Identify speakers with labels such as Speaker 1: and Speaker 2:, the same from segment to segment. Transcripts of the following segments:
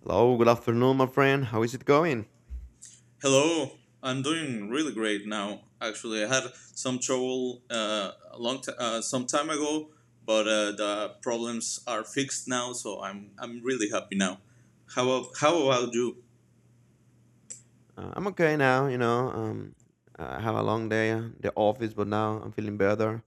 Speaker 1: Hello, good afternoon, my friend. How is it going?
Speaker 2: Hello, I'm doing really great now. Actually, I had some trouble a some time ago, but the problems are fixed now, so I'm really happy now. How about you?
Speaker 1: I'm okay now, you know. I have a long day at the office, but now I'm feeling better.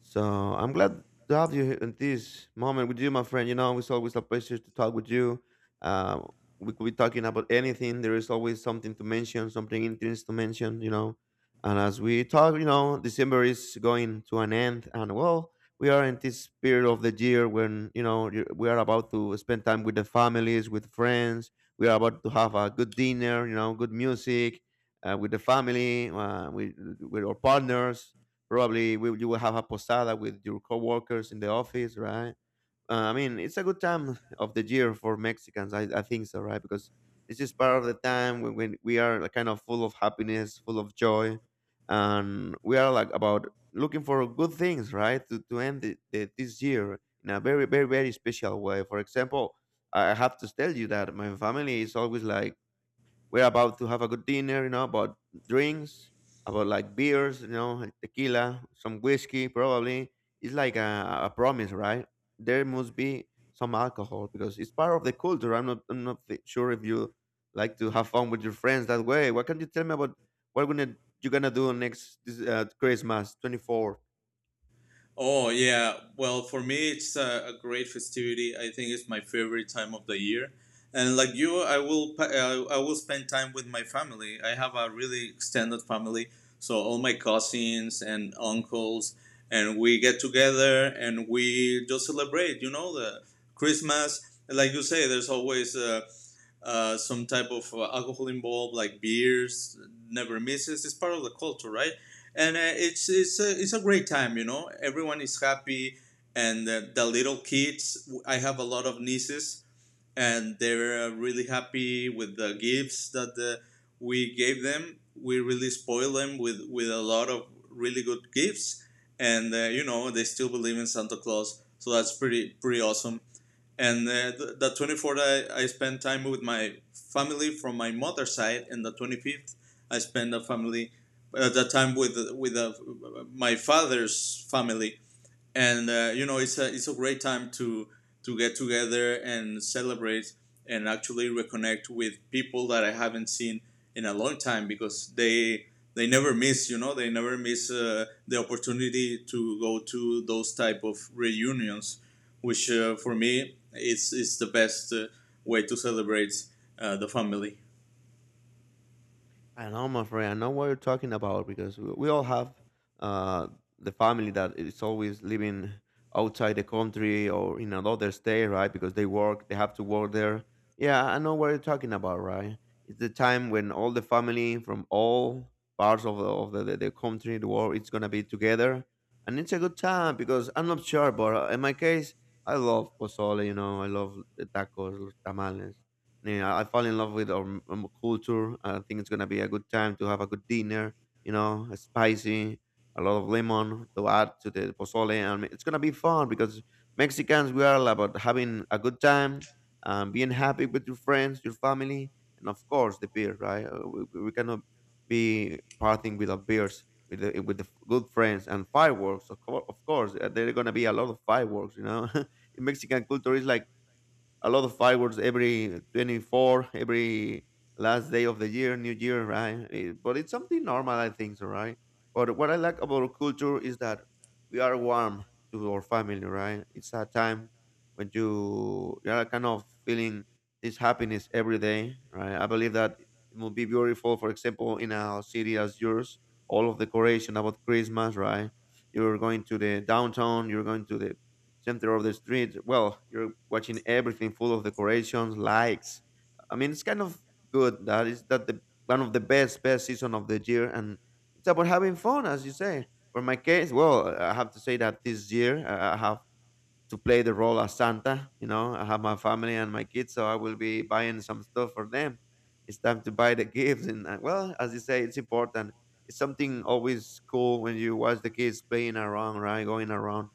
Speaker 1: So I'm glad to have you here in this moment with you, my friend. You know, it's always a pleasure to talk with you. Uh, we could be talking about anything. There is always something to mention, something interesting to mention, you know. And as we talk, you know, December is going to an end. And well, we are in this period of the year when, we are about to spend time with the families, with friends. We are about to have a good dinner, you know, good music with the family, with our partners. Probably will you will have a posada with your coworkers in the office, right? I mean, it's a good time of the year for Mexicans. I think so, right? Because this is part of the time when we are like, kind of full of happiness, full of joy, and we are like about looking for good things, right? To end this year in a very, very, very special way. For example, I have to tell you that my family is always like we're about to have a good dinner, you know, about drinks, about like beers, you know, like tequila, some whiskey, probably. It's like a promise, right? There must be some alcohol because it's part of the culture. I'm not thi- sure if you like to have fun with your friends that way. What can you tell me about what you're gonna do next this, Christmas 24?
Speaker 2: Oh yeah, well for me it's a great festivity. I think it's my favorite time of the year, and like you, I will I will spend time with my family. I have a really extended family, so all my cousins and uncles, and we get together and we just celebrate. You know the Christmas, like you say, there's always some type of alcohol involved, like beers, never misses. It's part of the culture, right? And it's a great time, you know. Everyone is happy, and the little kids. I have a lot of nieces, and they're really happy with the gifts that we gave them. We really spoil them with a lot of really good gifts, and you know they still believe in Santa Claus. So that's pretty awesome and the 24th, I spent time with my family from my mother's side, and the 25th, I spent a family at that time with my father's family and you know it's a great time to get together and celebrate and actually reconnect with people that I haven't seen in a long time because they never miss, you know, they never miss the opportunity to go to those type of reunions which, for me is the best way to celebrate the family.
Speaker 1: I know, my friend. I know what you're talking about because we all have uh, the family that is always living outside the country or in another state, right? Because they work, they have to work there. Yeah, I know what you're talking about, right? It's the time when all the family from all parts of the country, the world, it's gonna be together, and it's a good time because I'm not sure, but in my case, I love pozole. You know, I love the tacos, los tamales. Yeah, I fall in love with our, culture. I think it's gonna be a good time to have a good dinner. You know, spicy, a lot of lemon to add to the pozole, and it's gonna be fun because Mexicans we are all about having a good time, being happy with your friends, your family, and of course the beer. Right? We cannot be partying without beers with good friends and fireworks. Of course, there are gonna be a lot of fireworks. You know, in Mexican culture, is like a lot of fireworks every 24, every last day of the year, new year, right? Eh, but it's something normal, I think so, right? But what I like about our culture is that we are warm to our family, right? It's a time when you are kind of feeling this happiness every day, right? I believe that it will be beautiful, for example, in a city as yours, all of the decoration about christmas, right? You're going to the downtown, you're going to the center of the street. Well, you're watching everything full of decorations, lights. I mean, it's kind of good. That is that the one of the best season of the year, and it's about having fun, as you say. For my case, well, I have to say that this year I have to play the role as Santa. You know, I have my family and my kids, so I will be buying some stuff for them. It's time to buy the gifts, and well, as you say, it's important. It's something always cool when you watch the kids playing around, right, going around,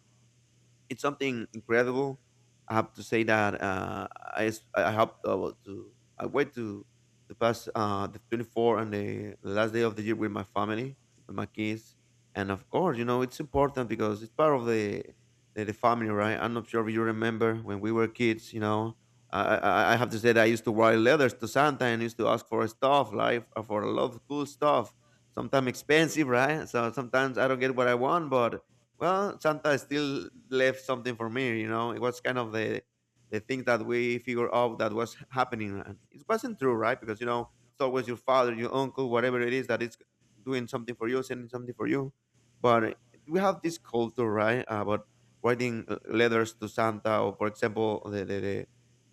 Speaker 1: it's something incredible. I have to say that I s- I have to I wait to pass the 24 and the last day of the year with my family, with my kids, and of course, you know, it's important because it's part of the family, right? I'm not sure if you remember when we were kids, you know. I have to say that I used to write letters to Santa and used to ask for stuff, like for a lot of cool stuff. Sometimes expensive, right? So sometimes I don't get what I want, but well, Santa still left something for me, you know. It was kind of the thing that we figured out that was happening. And it wasn't true, right? Because you know, it's always your father, your uncle, whatever it is that is doing something for you, sending something for you. But we have this culture, right? About writing letters to Santa, or for example, the the, the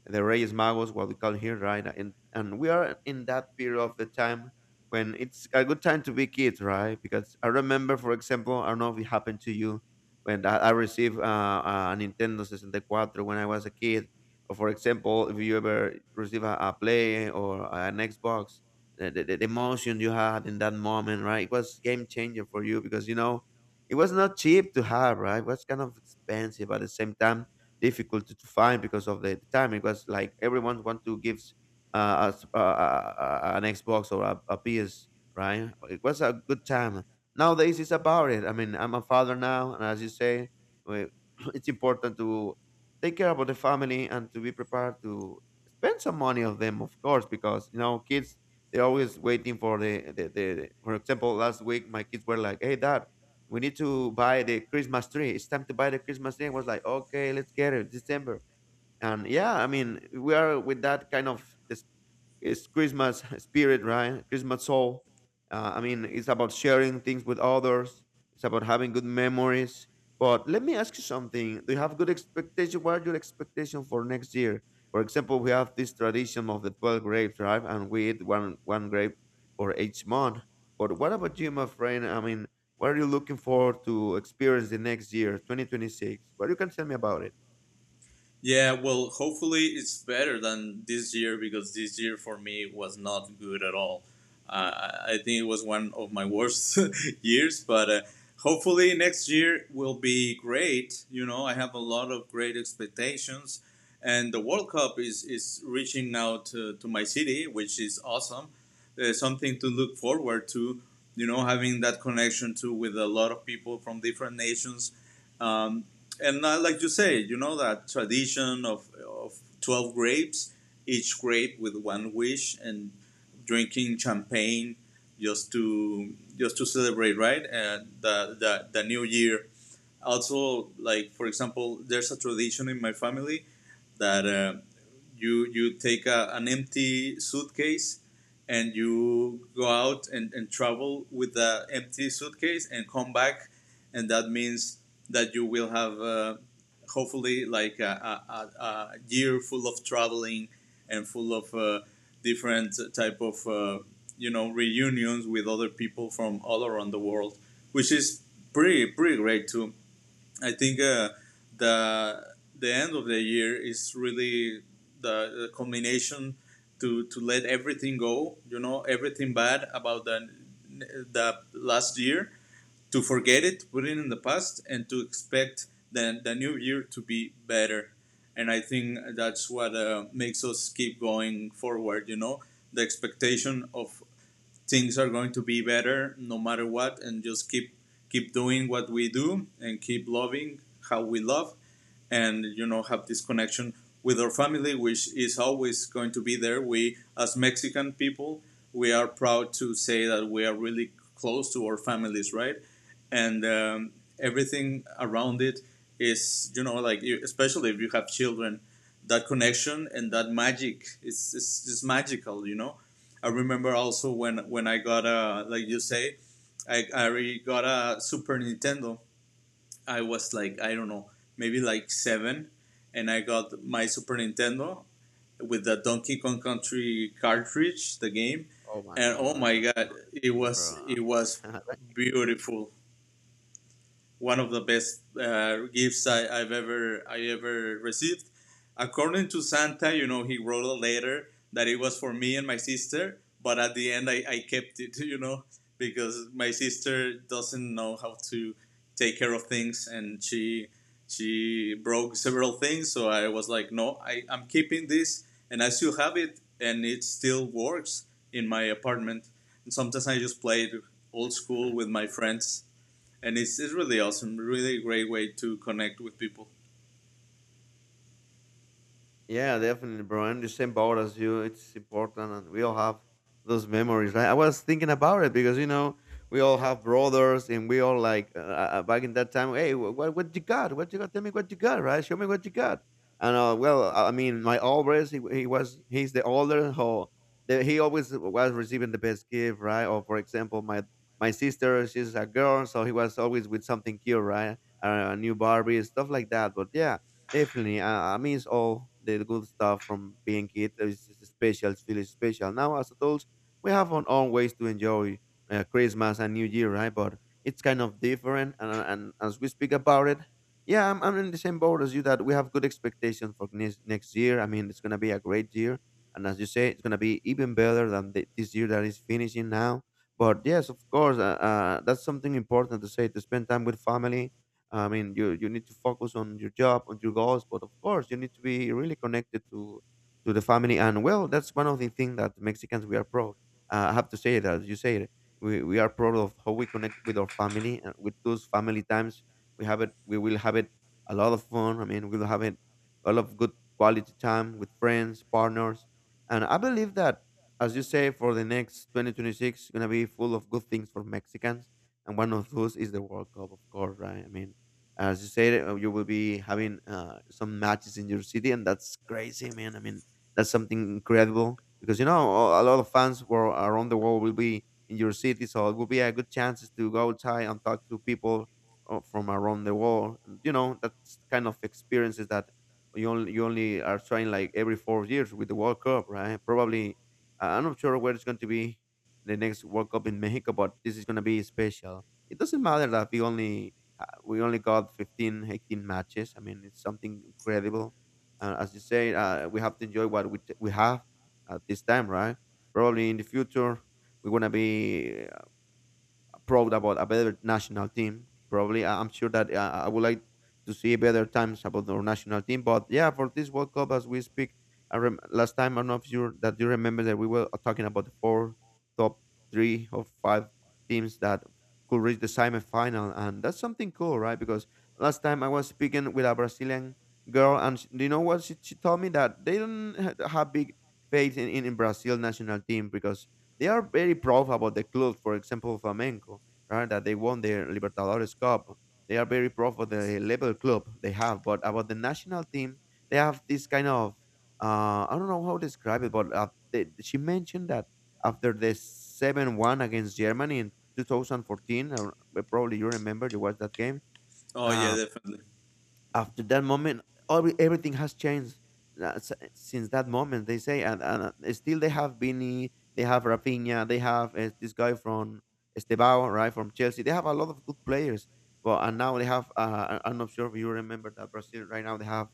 Speaker 1: the Reyes Magos, what we call here, right? And we are in that period of the time when it's a good time to be kids, right? Because I remember, for example, I don't know if it happened to you when I received a Nintendo 64 when I was a kid. Or for example, if you ever receive a play or an Xbox, the emotion you had in that moment, right? It was game changer for you because you know it was not cheap to have, right? It was kind of expensive but at the same time difficult to find because of the time. It was like everyone want to give an Xbox or a, PS, right? It was a good time. Nowadays, it's about it. I mean, I'm a father now, and as you say, we, it's important to take care about the family and to be prepared to spend some money of them, of course, because you know, kids they're always waiting for the for example, last week my kids were like, "Hey, dad. We need to buy the Christmas tree. It's time to buy the Christmas tree." I was like, okay, let's get it December, and yeah, I mean, we are with that kind of, it's Christmas spirit, right? Christmas soul. I mean, it's about sharing things with others. It's about having good memories. But let me ask you something. Do you have good expectation? What are your expectations for next year? For example, we have this tradition of the 12 grapes, right? And we eat one grape for each month. But what about you, my friend? I mean, what are you looking forward to experience the next year, 2026? What you can tell me about it?
Speaker 2: Yeah, well, hopefully it's better than this year because this year for me was not good at all. Uh, I think it was one of my worst years, but hopefully next year will be great. You know, I have a lot of great expectations, and the World Cup is reaching now to my city, which is awesome. There's something to look forward to, you know, having that connection to with a lot of people from different nations. um, and like you say, you know that tradition of 12 grapes, each grape with one wish, and drinking champagne just to celebrate, right? And the new year also, like for example, there's a tradition in my family that you take an empty suitcase and you go out and travel with the empty suitcase and come back, and that means that you will have, hopefully, like a year full of traveling and full of different type of you know, reunions with other people from all around the world, which is pretty great too. I think the end of the year is really the culmination to let everything go. You know, everything bad about the last year, to forget it, put it in the past, and to expect the new year to be better. And I think that's what makes us keep going forward. You know, the expectation of things are going to be better no matter what, and just keep doing what we do and keep loving how we love, and you know, have this connection with our family, which is always going to be there. We, as Mexican people, we are proud to say that we are really close to our families, right? And everything around it is, you know, like, especially if you have children, that connection and that magic, it's just magical, you know. I remember also when I got a, like you say, I already got a Super Nintendo. I was like, I don't know, maybe like seven, and I got my Super Nintendo with the Donkey Kong Country cartridge, the game,
Speaker 1: Oh my
Speaker 2: and oh
Speaker 1: god,
Speaker 2: my
Speaker 1: that's not
Speaker 2: god, it
Speaker 1: me,
Speaker 2: was
Speaker 1: bro.
Speaker 2: beautiful, one of the best gifts I ever received. According to Santa, you know, he wrote a letter that it was for me and my sister, but at the end I kept it, you know, because my sister doesn't know how to take care of things, and she broke several things, so I was like, no, I'm keeping this, and I still have it and it still works in my apartment. And sometimes I just play it old school with my friends, and it's really awesome, really great way to connect with people.
Speaker 1: Yeah, definitely, bro. I'm the same boat as you. It's important, and we all have those memories, right? I was thinking about it because you know we all have brothers, and we all like back in that time. Hey, what you got? What you got? Tell me what you got, right? Show me what you got. And well, I mean, my oldest, he's the older, so the, he always was receiving the best gift, right? Or for example, my sister, she's a girl, so he was always with something cute, right? A new Barbie, stuff like that. But yeah, definitely, I miss all the good stuff from being kid. It's just special, it's really special. Now, as adults, we have our own ways to enjoy Christmas and New Year, right? But it's kind of different. And as we speak about it, yeah, I'm in the same boat as you that we have good expectations for next year. I mean, it's going to be a great year. And as you say, it's going to be even better than this year that is finishing now. But yes, of course, that's something important to say, to spend time with family. I mean, you need to focus on your job, on your goals, but of course, you need to be really connected to the family. And well, that's one of the things that Mexicans we are proud. I have to say that you say it. We are proud of how we connect with our family and with those family times. We have it. We will have it a lot of fun. I mean, we'll have it a lot of good quality time with friends, partners, and I believe that. As you say, for the next 2026, gonna be full of good things for Mexicans, and one of those is the World Cup, of course, right? I mean, as you said, you will be having some matches in your city, and that's crazy, man. I mean, that's something incredible because you know a lot of fans were around the world will be in your city, so it will be a good chances to go outside and talk to people from around the world. And, you know, that's kind of experiences that you only are trying like every 4 years with the World Cup, right? Probably, I'm not sure where it's going to be the next World Cup in Mexico, but this is going to be special. It doesn't matter that we only got 15, 18 matches. I mean, it's something incredible. As you say, we have to enjoy what we have at this time, right? Probably in the future, we're going to be proud about a better national team. Probably, I'm sure that I would like to see better times about our national team. But yeah, for this World Cup, as we speak, last time I don't know if you that you remember that we were talking about the four top three or five teams that could reach the semi-final, and that's something cool, right? Because last time I was speaking with a Brazilian girl, and sh do you know what she told me that they don't have big faith in Brazil national team because they are very proud about the club, for example, Flamenco, right? That they won the Libertadores Cup. They are very proud of the level club they have, but about the national team, they have this kind of I don't know how to describe it, but she mentioned that after the 7-1 against Germany in 2014, or probably you remember you watched that game.
Speaker 2: Oh yeah,
Speaker 1: uh,
Speaker 2: definitely.
Speaker 1: after that moment everything has changed since that moment they say, and still they have Vini, they have Rafinha, they have this guy from Estebao, right, from Chelsea. They have a lot of good players. Well, and now they have I'm not sure if you remember that Brazil right now, they have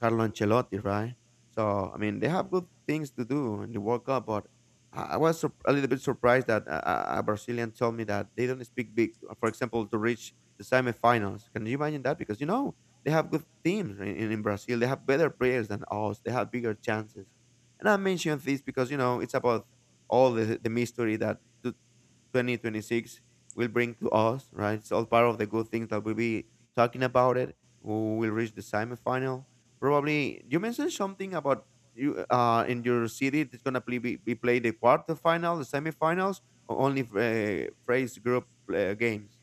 Speaker 1: Carlo Ancelotti, right? So I mean, they have good things to do in the World Cup. But I was a little bit surprised that a Brazilian told me that they don't speak big, for example, to reach the semifinals. Can you imagine that? Because you know they have good teams in Brazil. They have better players than us. They have bigger chances. And I mention this because you know it's about all the mystery that t- 2026 will bring to us, right? It's all part of the good things that we'll be talking about it. We will reach the semifinal. Probably you mentioned something about you in your city it's gonna be played the quarterfinal, the semifinals, or only phrase group games.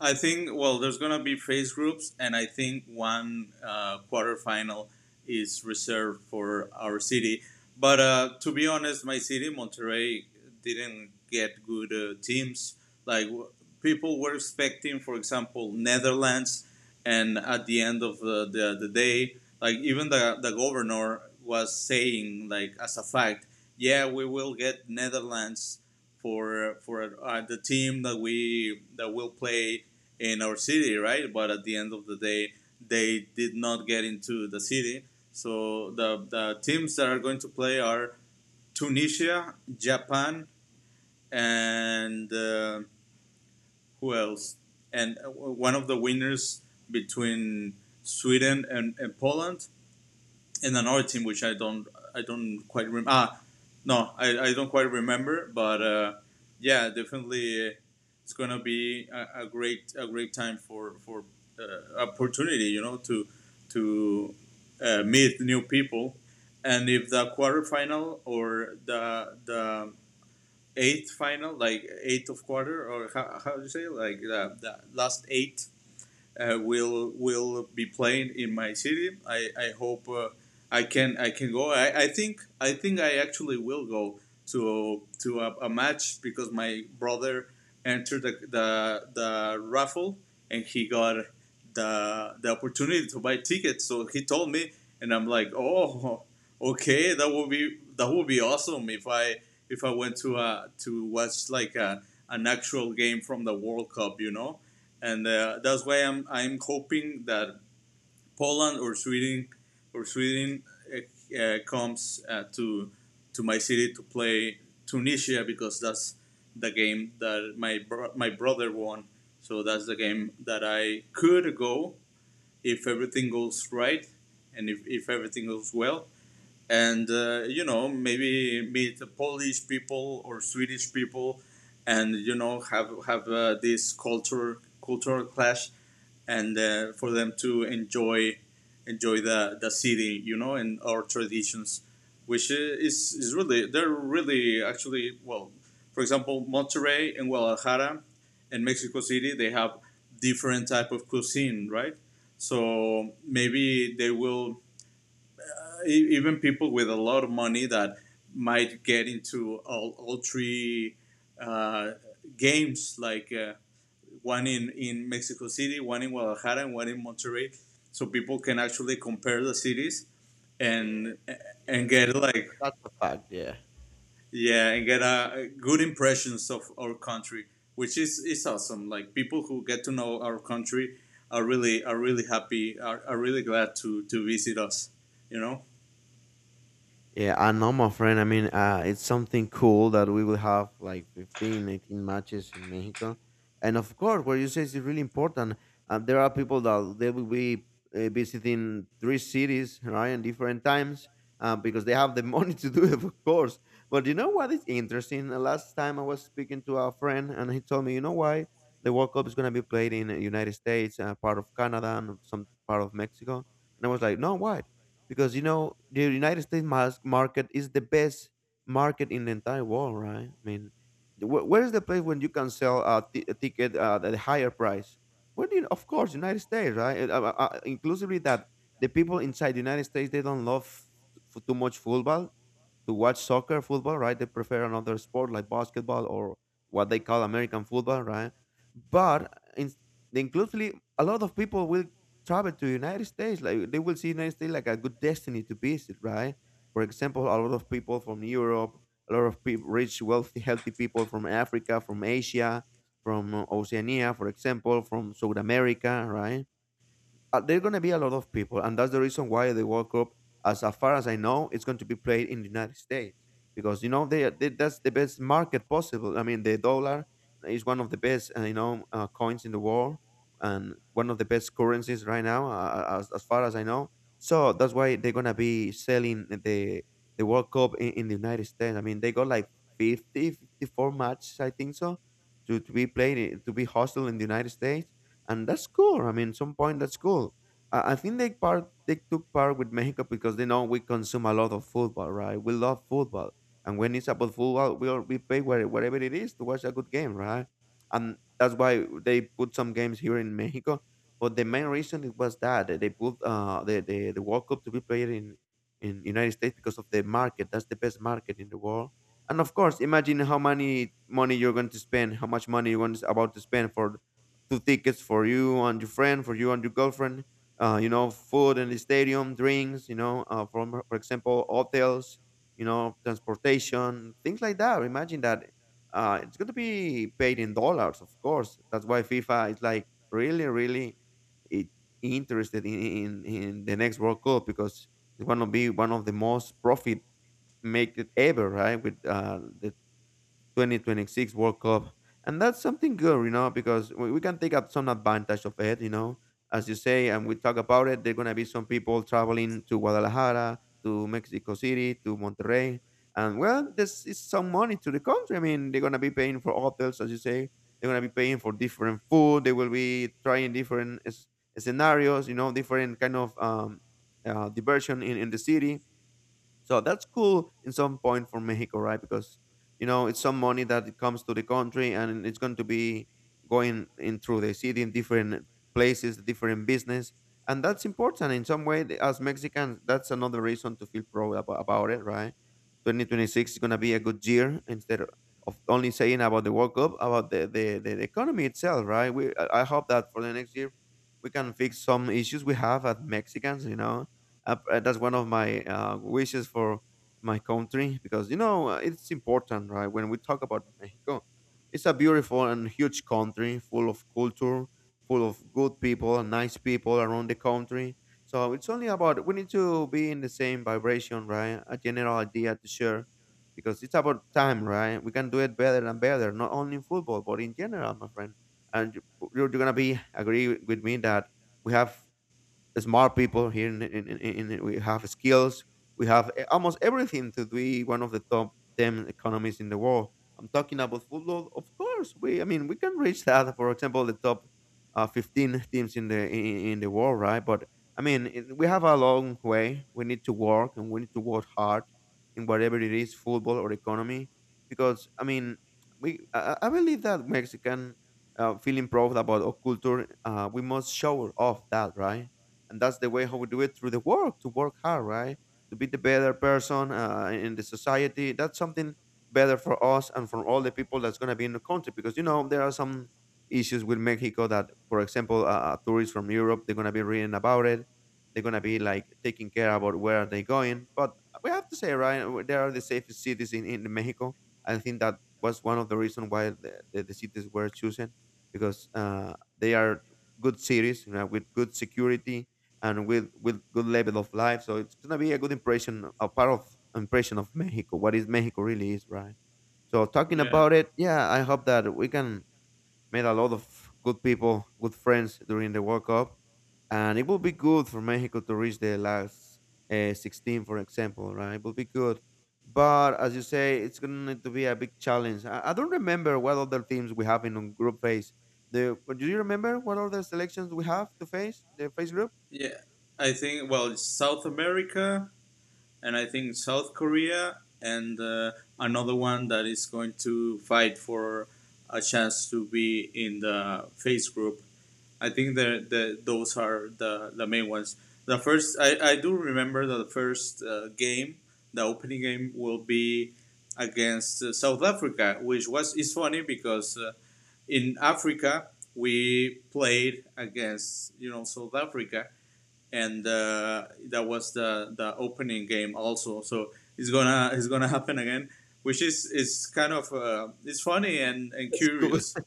Speaker 2: I think, well, there's gonna be phase groups, and I think one quarterfinal is reserved for our city. But to be honest, my city, Monterrey, didn't get good teams. Like people were expecting, for example, Netherlands, and at the end of the day, like even the governor was saying, like as a fact, yeah, we will get Netherlands for the team that we that will play in our city, right? But at the end of the day, they did not get into the city. So the teams that are going to play are Tunisia, Japan, and who else? And one of the winners between Sweden and Poland, and another team which I don't quite remember. Ah, no, I don't quite remember. But yeah, definitely, it's gonna be a great time for opportunity, you know, to to meet new people. And if the quarterfinal or the eighth final, like eighth of quarter, or how do you say, like the last eight, will be playing in my city, I hope I can go. I think I actually will go to a match, because my brother entered the raffle and he got the opportunity to buy tickets. So he told me, and I'm like, oh, okay, that would be awesome if I, went to, to watch like a an actual game from the World Cup, you know. And that's why I'm hoping that Poland or Sweden or Sweden comes, to my city to play Tunisia, because that's the game that my my brother won. So that's the game that I could go, if everything goes right, and if, everything goes well. And you know, maybe meet Polish people or Swedish people, and you know, have this culture cultural clash, and for them to enjoy, the city, you know, and our traditions, which is really, they're really actually, well, for example, Monterrey and Guadalajara, and Mexico City, they have different type of cuisine, right? So maybe they will, even people with a lot of money, that might get into all three uh, games, like, one in Mexico City, one in Guadalajara, and one in Monterrey. So people can actually compare the cities,
Speaker 1: Yeah,
Speaker 2: and
Speaker 1: yeah,
Speaker 2: and
Speaker 1: that's
Speaker 2: get
Speaker 1: fa- that-
Speaker 2: like
Speaker 1: that's a fact. Yeah.
Speaker 2: yeah, and get a good impressions of our country, which is awesome. Like people who get to know our country are really, happy, are really glad to visit us, you know.
Speaker 1: Yeah, I know, my friend. I mean, it's something cool that we will have like 15, 18 matches in Mexico. And of course, what you say is really important. There are people that they will be visiting three cities, right, in different times because they have the money to do it, of course. But you know what is interesting? Last time I was speaking to a friend and he told me, you know why the World Cup is going to be played in the United States, part of Canada, and some part of Mexico. And I was like, no, why? Because you know the United States market is the best market in the entire world, right? I mean, where is the place when you can sell a ticket at a higher price? Well, you, of course, United States, right? Inclusively that the people inside the United States, they don't love too much football to watch soccer, football, right? They prefer another sport like basketball or what they call American football, right? But in, inclusively, a lot of people will travel to United States. Like they will see United States like a good destiny to visit, right? For example, a lot of people from Europe, a lot of people, rich, wealthy, healthy people from Africa, from Asia, from Oceania, for example, from South America, right? There are going to be a lot of people, and that's the reason why the World Cup, as far as I know, it's going to be played in the United States because you know they that's the best market possible. I mean, the dollar is one of the best coins in the world and one of the best currencies right now, as far as I know. So that's why they're going to be selling the World Cup in the United States. I mean, they got like fifty four matches, I think so, to be played, to be hosted in the United States, and that's cool. I mean, some point that's cool. I think they took part with Mexico because they know we consume a lot of football, right? We love football, and when it's about football, we pay whatever it is to watch a good game, right? And that's why they put some games here in Mexico. But the main reason it was that they put the World Cup to be played in United States because of the market. That's the best market in the world. And of course, imagine how many money you're going to spend, how much money you're going to, about to spend for two tickets for you and your friend, for you and your girlfriend. You know, food in the stadium, drinks. You know, from for example, hotels. You know, transportation, things like that. Imagine that. It's going to be paid in dollars, of course. That's why FIFA is like really, really it, interested in the next World Cup because it's going to be one of the most profit make it ever, right? With the 2026 World Cup. And that's something good, you know, because we can take up some advantage of it, you know. As you say, and we talk about it, there are going to be some people traveling to Guadalajara, to Mexico City, to Monterrey. And well, this is some money to the country. I mean, they're going to be paying for hotels, as you say. They're going to be paying for different food. They will be trying different scenarios, you know, different kind of diversion in the city. So that's cool in some point for Mexico, right? Because you know it's some money that it comes to the country, and it's going to be going in through the city in different places, different business, and that's important in some way. As Mexicans, that's another reason to feel proud about it, right? 2026 is going to be a good year instead of only saying about the World Cup, about the economy itself, right? We I hope that for the next year we can fix some issues we have as Mexicans, you know. That's one of my wishes for my country because you know it's important, right? When we talk about Mexico, it's a beautiful and huge country full of culture, full of good people and nice people around the country. So it's only about we need to be in the same vibration, right? A general idea to share because it's about time, right? We can do it better and better, not only in football but in general, my friend. And you're gonna be agree with me that we have smart people here we have skills, we have almost everything to be one of the top 10 economies in the world. I'm talking about football, of course. We i mean we can reach that, for example, the top 15 teams in the in the world, right? But I mean, we have a long way. We need to work and we need to work hard in whatever it is football or economy, because I mean, we I believe that Mexican, feeling proud about our culture, we must show off that, right? And that's the way how we do it through the work to work hard, right? To be the better person in the society. That's something better for us and for all the people that's going to be in the country. Because you know there are some issues with Mexico that, for example, tourists from Europe, they're going to be reading about it. They're going to be like taking care about where are they going. But we have to say, right, there are the safest cities in Mexico. I think that was one of the reasons why the cities were chosen, because they are good cities, you know, with good security and with good level of life. So it's gonna be a good impression, a part of impression of Mexico. What is Mexico really is, right? So talking
Speaker 2: Yeah.
Speaker 1: about it, yeah, I hope that we can meet a lot of good people, good friends during the World Cup, and it will be good for Mexico to reach the last 16, for example, right? It will be good. But as you say, it's going to need to be a big challenge. I don't remember what other teams we have in on group phase. The, do you remember what other selections we have to face in the phase group?
Speaker 2: Yeah, I think, well, it's South America, and I think South Korea, and another one that is going to fight for a chance to be in the face group. I think the those are the main ones. The first, I do remember that the first game, the opening game, will be against South Africa, which was is funny because in Africa we played against, you know, South Africa, and that was the opening game also. So it's gonna happen again, which is kind of, it's funny and
Speaker 1: That's good.
Speaker 2: curious.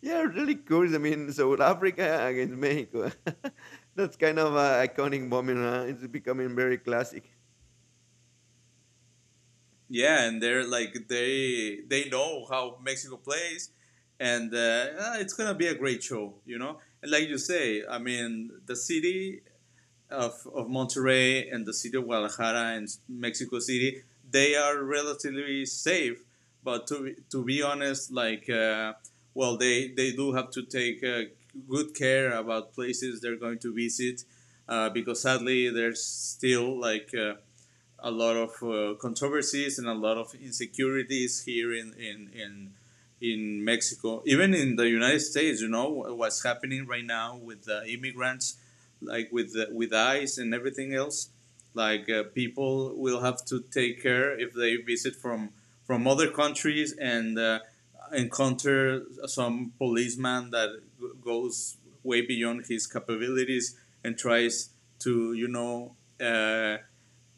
Speaker 1: Yeah, really cool. I mean, South Africa against Mexico. That's kind of an iconic moment. Huh? It's becoming very classic.
Speaker 2: Yeah, and they're like, they know how Mexico plays, and it's gonna be a great show, you know. And like you say, I mean, the city of Monterrey, and the city of Guadalajara and Mexico City, they are relatively safe. But to be honest, like, well, they do have to take good care about places they're going to visit, because sadly there's still like, a lot of controversies and a lot of insecurities here in Mexico, even in the United States, you know, what's happening right now with the immigrants, like with, with ICE and everything else. Like, people will have to take care if they visit from other countries, and encounter some policeman that goes way beyond his capabilities and tries to, you know, uh,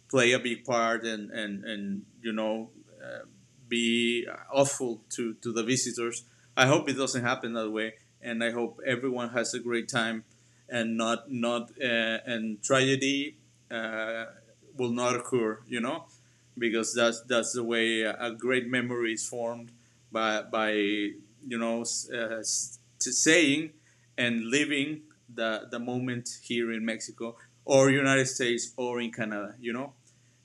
Speaker 2: play a big part, and you know, uh, be awful to the visitors. I hope it doesn't happen that way, and I hope everyone has a great time and not, and tragedy, uh, will not occur. You know, because that's the way a great memory is formed, by, you know, uh, saying and living the moment, here in Mexico or United States or in Canada. You know,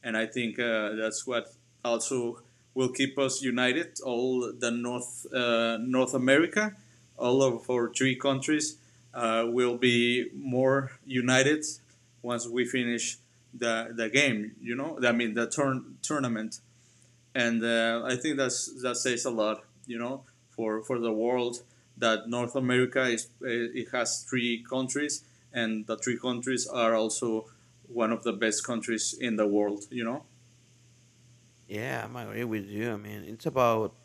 Speaker 2: and I think that's what also will keep us united. All the North, North America, all of our three countries, will be more united once we finish the game. You know, I mean, the turn tournament, and I think that's, that says a lot. You know, for the world that North America is, it has three countries, and the three countries are also one of the best countries in the world, you know.
Speaker 1: Yeah, I'm agree with you. I mean, it's about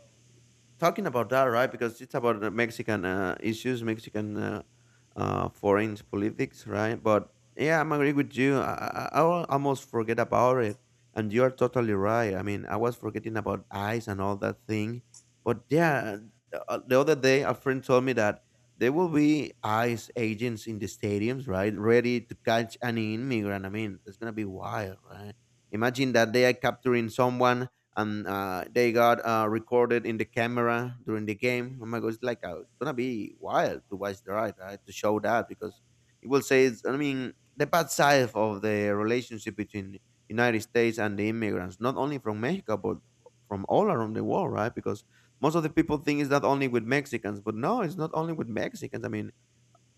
Speaker 1: talking about that, right? Because it's about the Mexican issues, Mexican foreign politics, right? But yeah, I'm agree with you. I almost forget about it, and you are totally right. I mean, I was forgetting about ice and all that thing, but yeah, the other day a friend told me that there will be ice agents in the stadiums, right, ready to catch any immigrant. I mean, it's gonna be wild, right? Imagine that they are capturing someone and they got recorded in the camera during the game. Oh my god, it's like it's gonna be wild to watch the ride, right? To show that because it will say, it's, I mean, the bad side of the relationship between United States and the immigrants, not only from Mexico but from all around the world, right? Because most of the people think it's not only with Mexicans, but no, it's not only with Mexicans. I mean,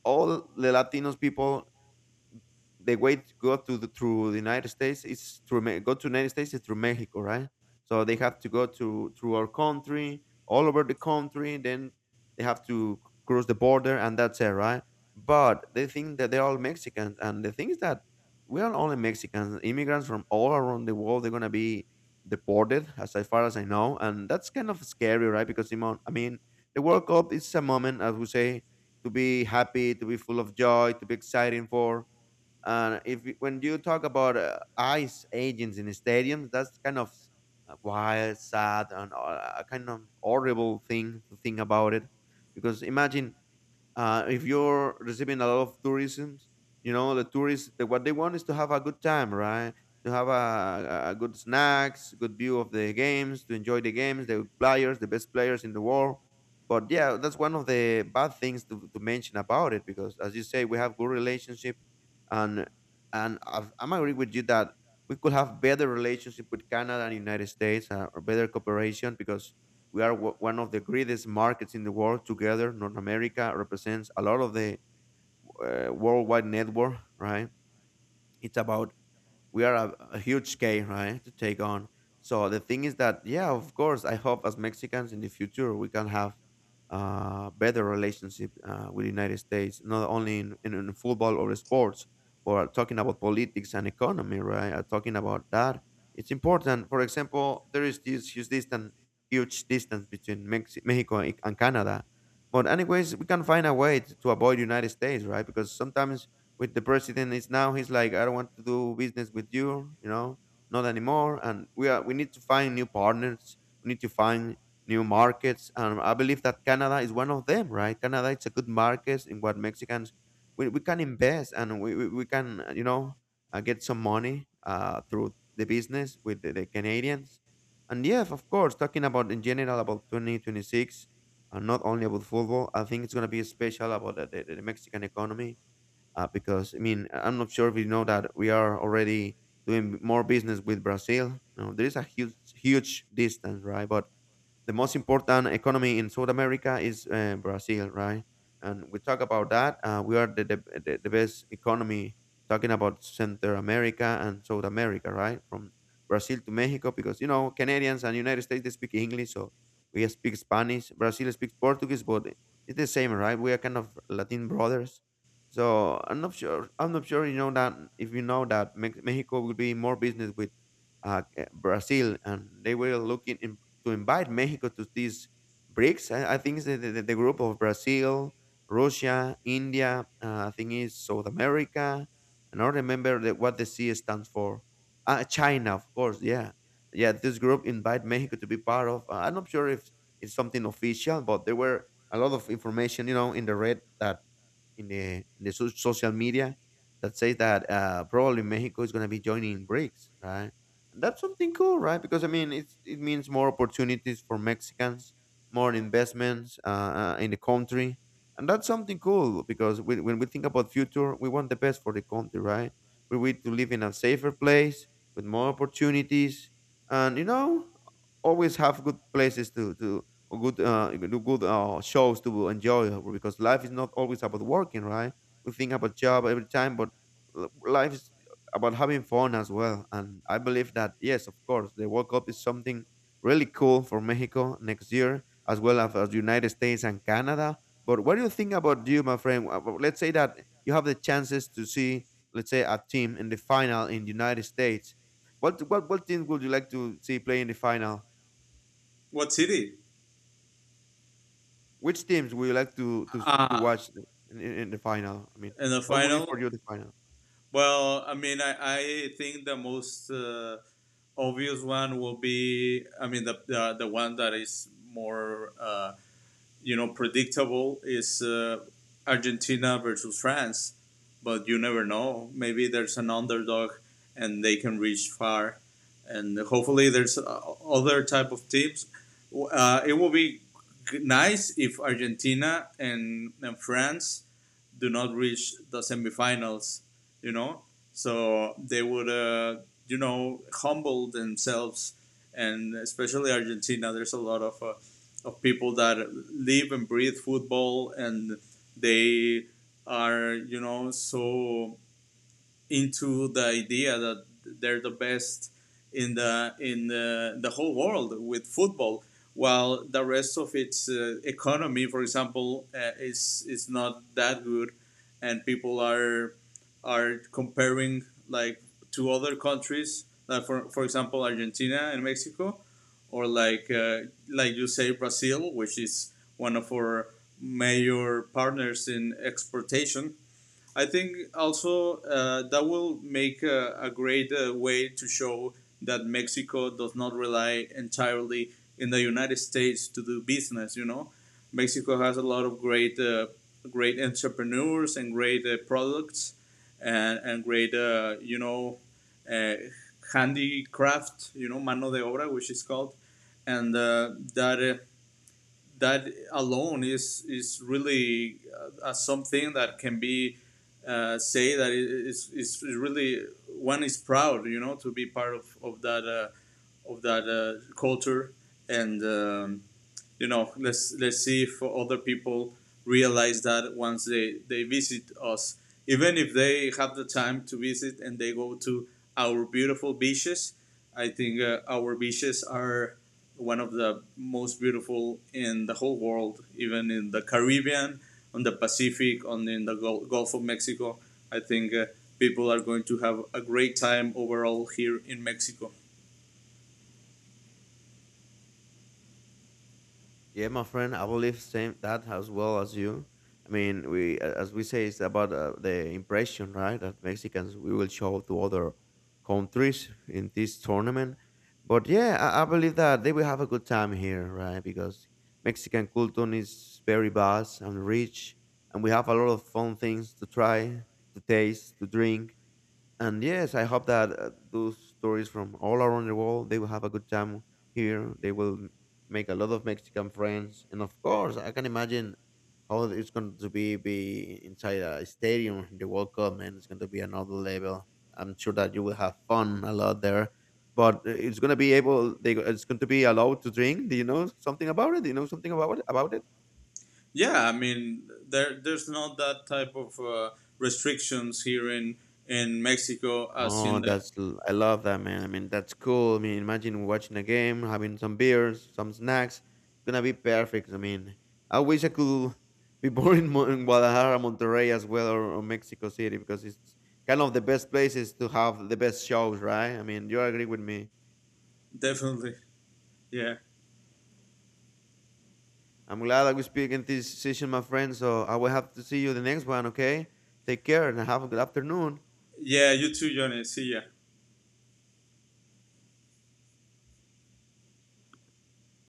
Speaker 1: all the Latinos people the way to go to the through the United States is through go to United States is through Mexico, right? So they have to go to through our country, all over the country, then they have to cross the border, and that's it, right? But they think that they're all Mexicans, and the thing is that we are only Mexicans. Immigrants from all around the world, they're gonna be deported, as I far as I know, and that's kind of scary, right? Because Simon, I mean, the World Cup is a moment, as we say, to be happy, to be full of joy, to be exciting for, and if you- when you talk about ice agents in stadiums, that's kind of wild, sad, and a kind of horrible thing to think about it. Because imagine if you're receiving a lot of tourism, you know the tourists the, what they want is to have a good time, right? To have a good snacks, good view of the games, to enjoy the games, the players, the best players in the world. But yeah, that's one of the bad things to mention about it because, as you say, we have good relationship, and and I've, I'm agree with you that we could have better relationship with Canada and United States or better cooperation because we are one of the greatest markets in the world together. North America represents a lot of the worldwide network, right? It's about we are a huge scale, right, to take on. So the thing is that, yeah, of course, I hope as Mexicans in the future we can have better relationship with the United States, not only in football or sports, but talking about politics and economy, right? Talking about that, it's important. For example, there is this huge distance between Mexico and Canada. But anyways, we can find a way to avoid United States, right? Because sometimes with the president is now, he's like, I don't want to do business with you, you know, not anymore, and we are, we need to find new partners, we need to find new markets. And I believe that Canada is one of them, right? Canada, it's a good market in what Mexicans, we can invest, and we can you know, get some money through the business with the Canadians. And yes, of course, talking about in general about 2026, and not only about football, I think it's going to be special about the Mexican economy, because I mean, am not sure if you know that we are already doing more business with Brazil. You know, there is a huge huge distance, right? But the most important economy in South America is Brazil, right? And we talk about that. We are the best economy talking about Central America and South America, right? From Brazil to Mexico, because you know, Canadians and United States they speak English, so we speak Spanish. Brazil speaks Portuguese, but it's the same, right? We are kind of Latin brothers. So I'm not sure. I'm not sure. You know that, if you know that Mexico will be more business with uh, Brazil, and they will look in to invite Mexico to these BRICS. I think the group of Brazil, Russia, India, I think it's South America. I don't remember the, what the C stands for. China, of course, yeah. Yeah, this group invite Mexico to be part of. I'm not sure if it's something official, but there were a lot of information, you know, in the red, that in the social media that says that probably Mexico is going to be joining BRICS, right? And that's something cool, right? Because I mean, it's, it means more opportunities for Mexicans, more investments in the country, and that's something cool. Because we, when we think about future, we want the best for the country, right? We want to live in a safer place with more opportunities, and you know, always have good places to or good do good shows to enjoy. Because life is not always about working, right? We think about job every time, but life is about having fun as well. And I believe that, yes, of course, the World Cup is something really cool for Mexico next year, as well as the United States and Canada. But what do you think about you, my friend? Well, let's say that you have the chances to see, let's say, a team in the final in the United States. What team would you like to see play in the final?
Speaker 2: What city?
Speaker 1: Which teams would you like to to
Speaker 2: Ah,
Speaker 1: watch in the final? I mean,
Speaker 2: in the
Speaker 1: what will be for
Speaker 2: final.
Speaker 1: you the final?
Speaker 2: Well, I mean, I think the most, obvious one will be. I mean, the one that is more, you know, predictable, is, Argentina versus France, but you never know. Maybe there's an underdog and they can reach far, and hopefully there's, other type of teams. It will be nice if Argentina and France do not reach the semifinals, you know. So they would, you know, humble themselves, and especially Argentina. There's a lot of, of people that live and breathe football, and they are, you know, so into the idea that they're the best in the, the whole world with football, while the rest of its, economy, for example, is, not that good, and people are, comparing, like, to other countries, like, for example, Argentina and Mexico, or like, like you say, Brazil, which is one of our major partners in exportation. I think also that will make a great way to show that Mexico does not rely entirely in the United States to do business. You know, Mexico has a lot of great, great entrepreneurs and great products, and great, you know, uh, handicraft. You know, mano de obra, which is called, and that alone is really, something that can be, say that is really, one is proud, you know, to be part of, of that, culture. And you know, let's see if other people realize that once they, visit us, even if they have the time to visit and they go to our beautiful beaches. I think our beaches are one of the most beautiful in the whole world, even in the Caribbean, on the Pacific, on, in the Gulf of Mexico. I think, people are going to have a great time overall here in Mexico.
Speaker 1: Yeah, my friend, I believe same that as well as you. I mean, we as we say, it's about the impression, right? That Mexicans we will show to other countries in this tournament. But yeah, I, believe that they will have a good time here, right? Because Mexican culture is very vast and rich, and we have a lot of fun things to try, to taste, to drink. And yes, I hope that those stories from all around the world they will have a good time here. They will make a lot of Mexican friends, and of course, I can imagine how it's going to be inside a stadium in the World Cup, and it's going to be another level. I'm sure that you will have fun a lot there, but it's going to be able. It's going to be allowed to drink. Do you know something about it? Do you know something about it? About it?
Speaker 2: Yeah, I mean, there's not that type of, restrictions here in Mexico as
Speaker 1: Oh,
Speaker 2: in the—
Speaker 1: that's I love that, man. I mean, that's cool. I mean, imagine watching a game, having some beers, some snacks. It's gonna be perfect. I mean, I wish I could be born in, in Guadalajara, Monterrey as well, or Mexico City, because it's kind of the best places to have the best shows, right? I mean, you agree with me.
Speaker 2: Definitely. Yeah,
Speaker 1: I'm glad that we speak in this session, my friend. So I will have to see you the next one. Okay, take care and have a good afternoon.
Speaker 2: yeah. You too, Johnny. See ya.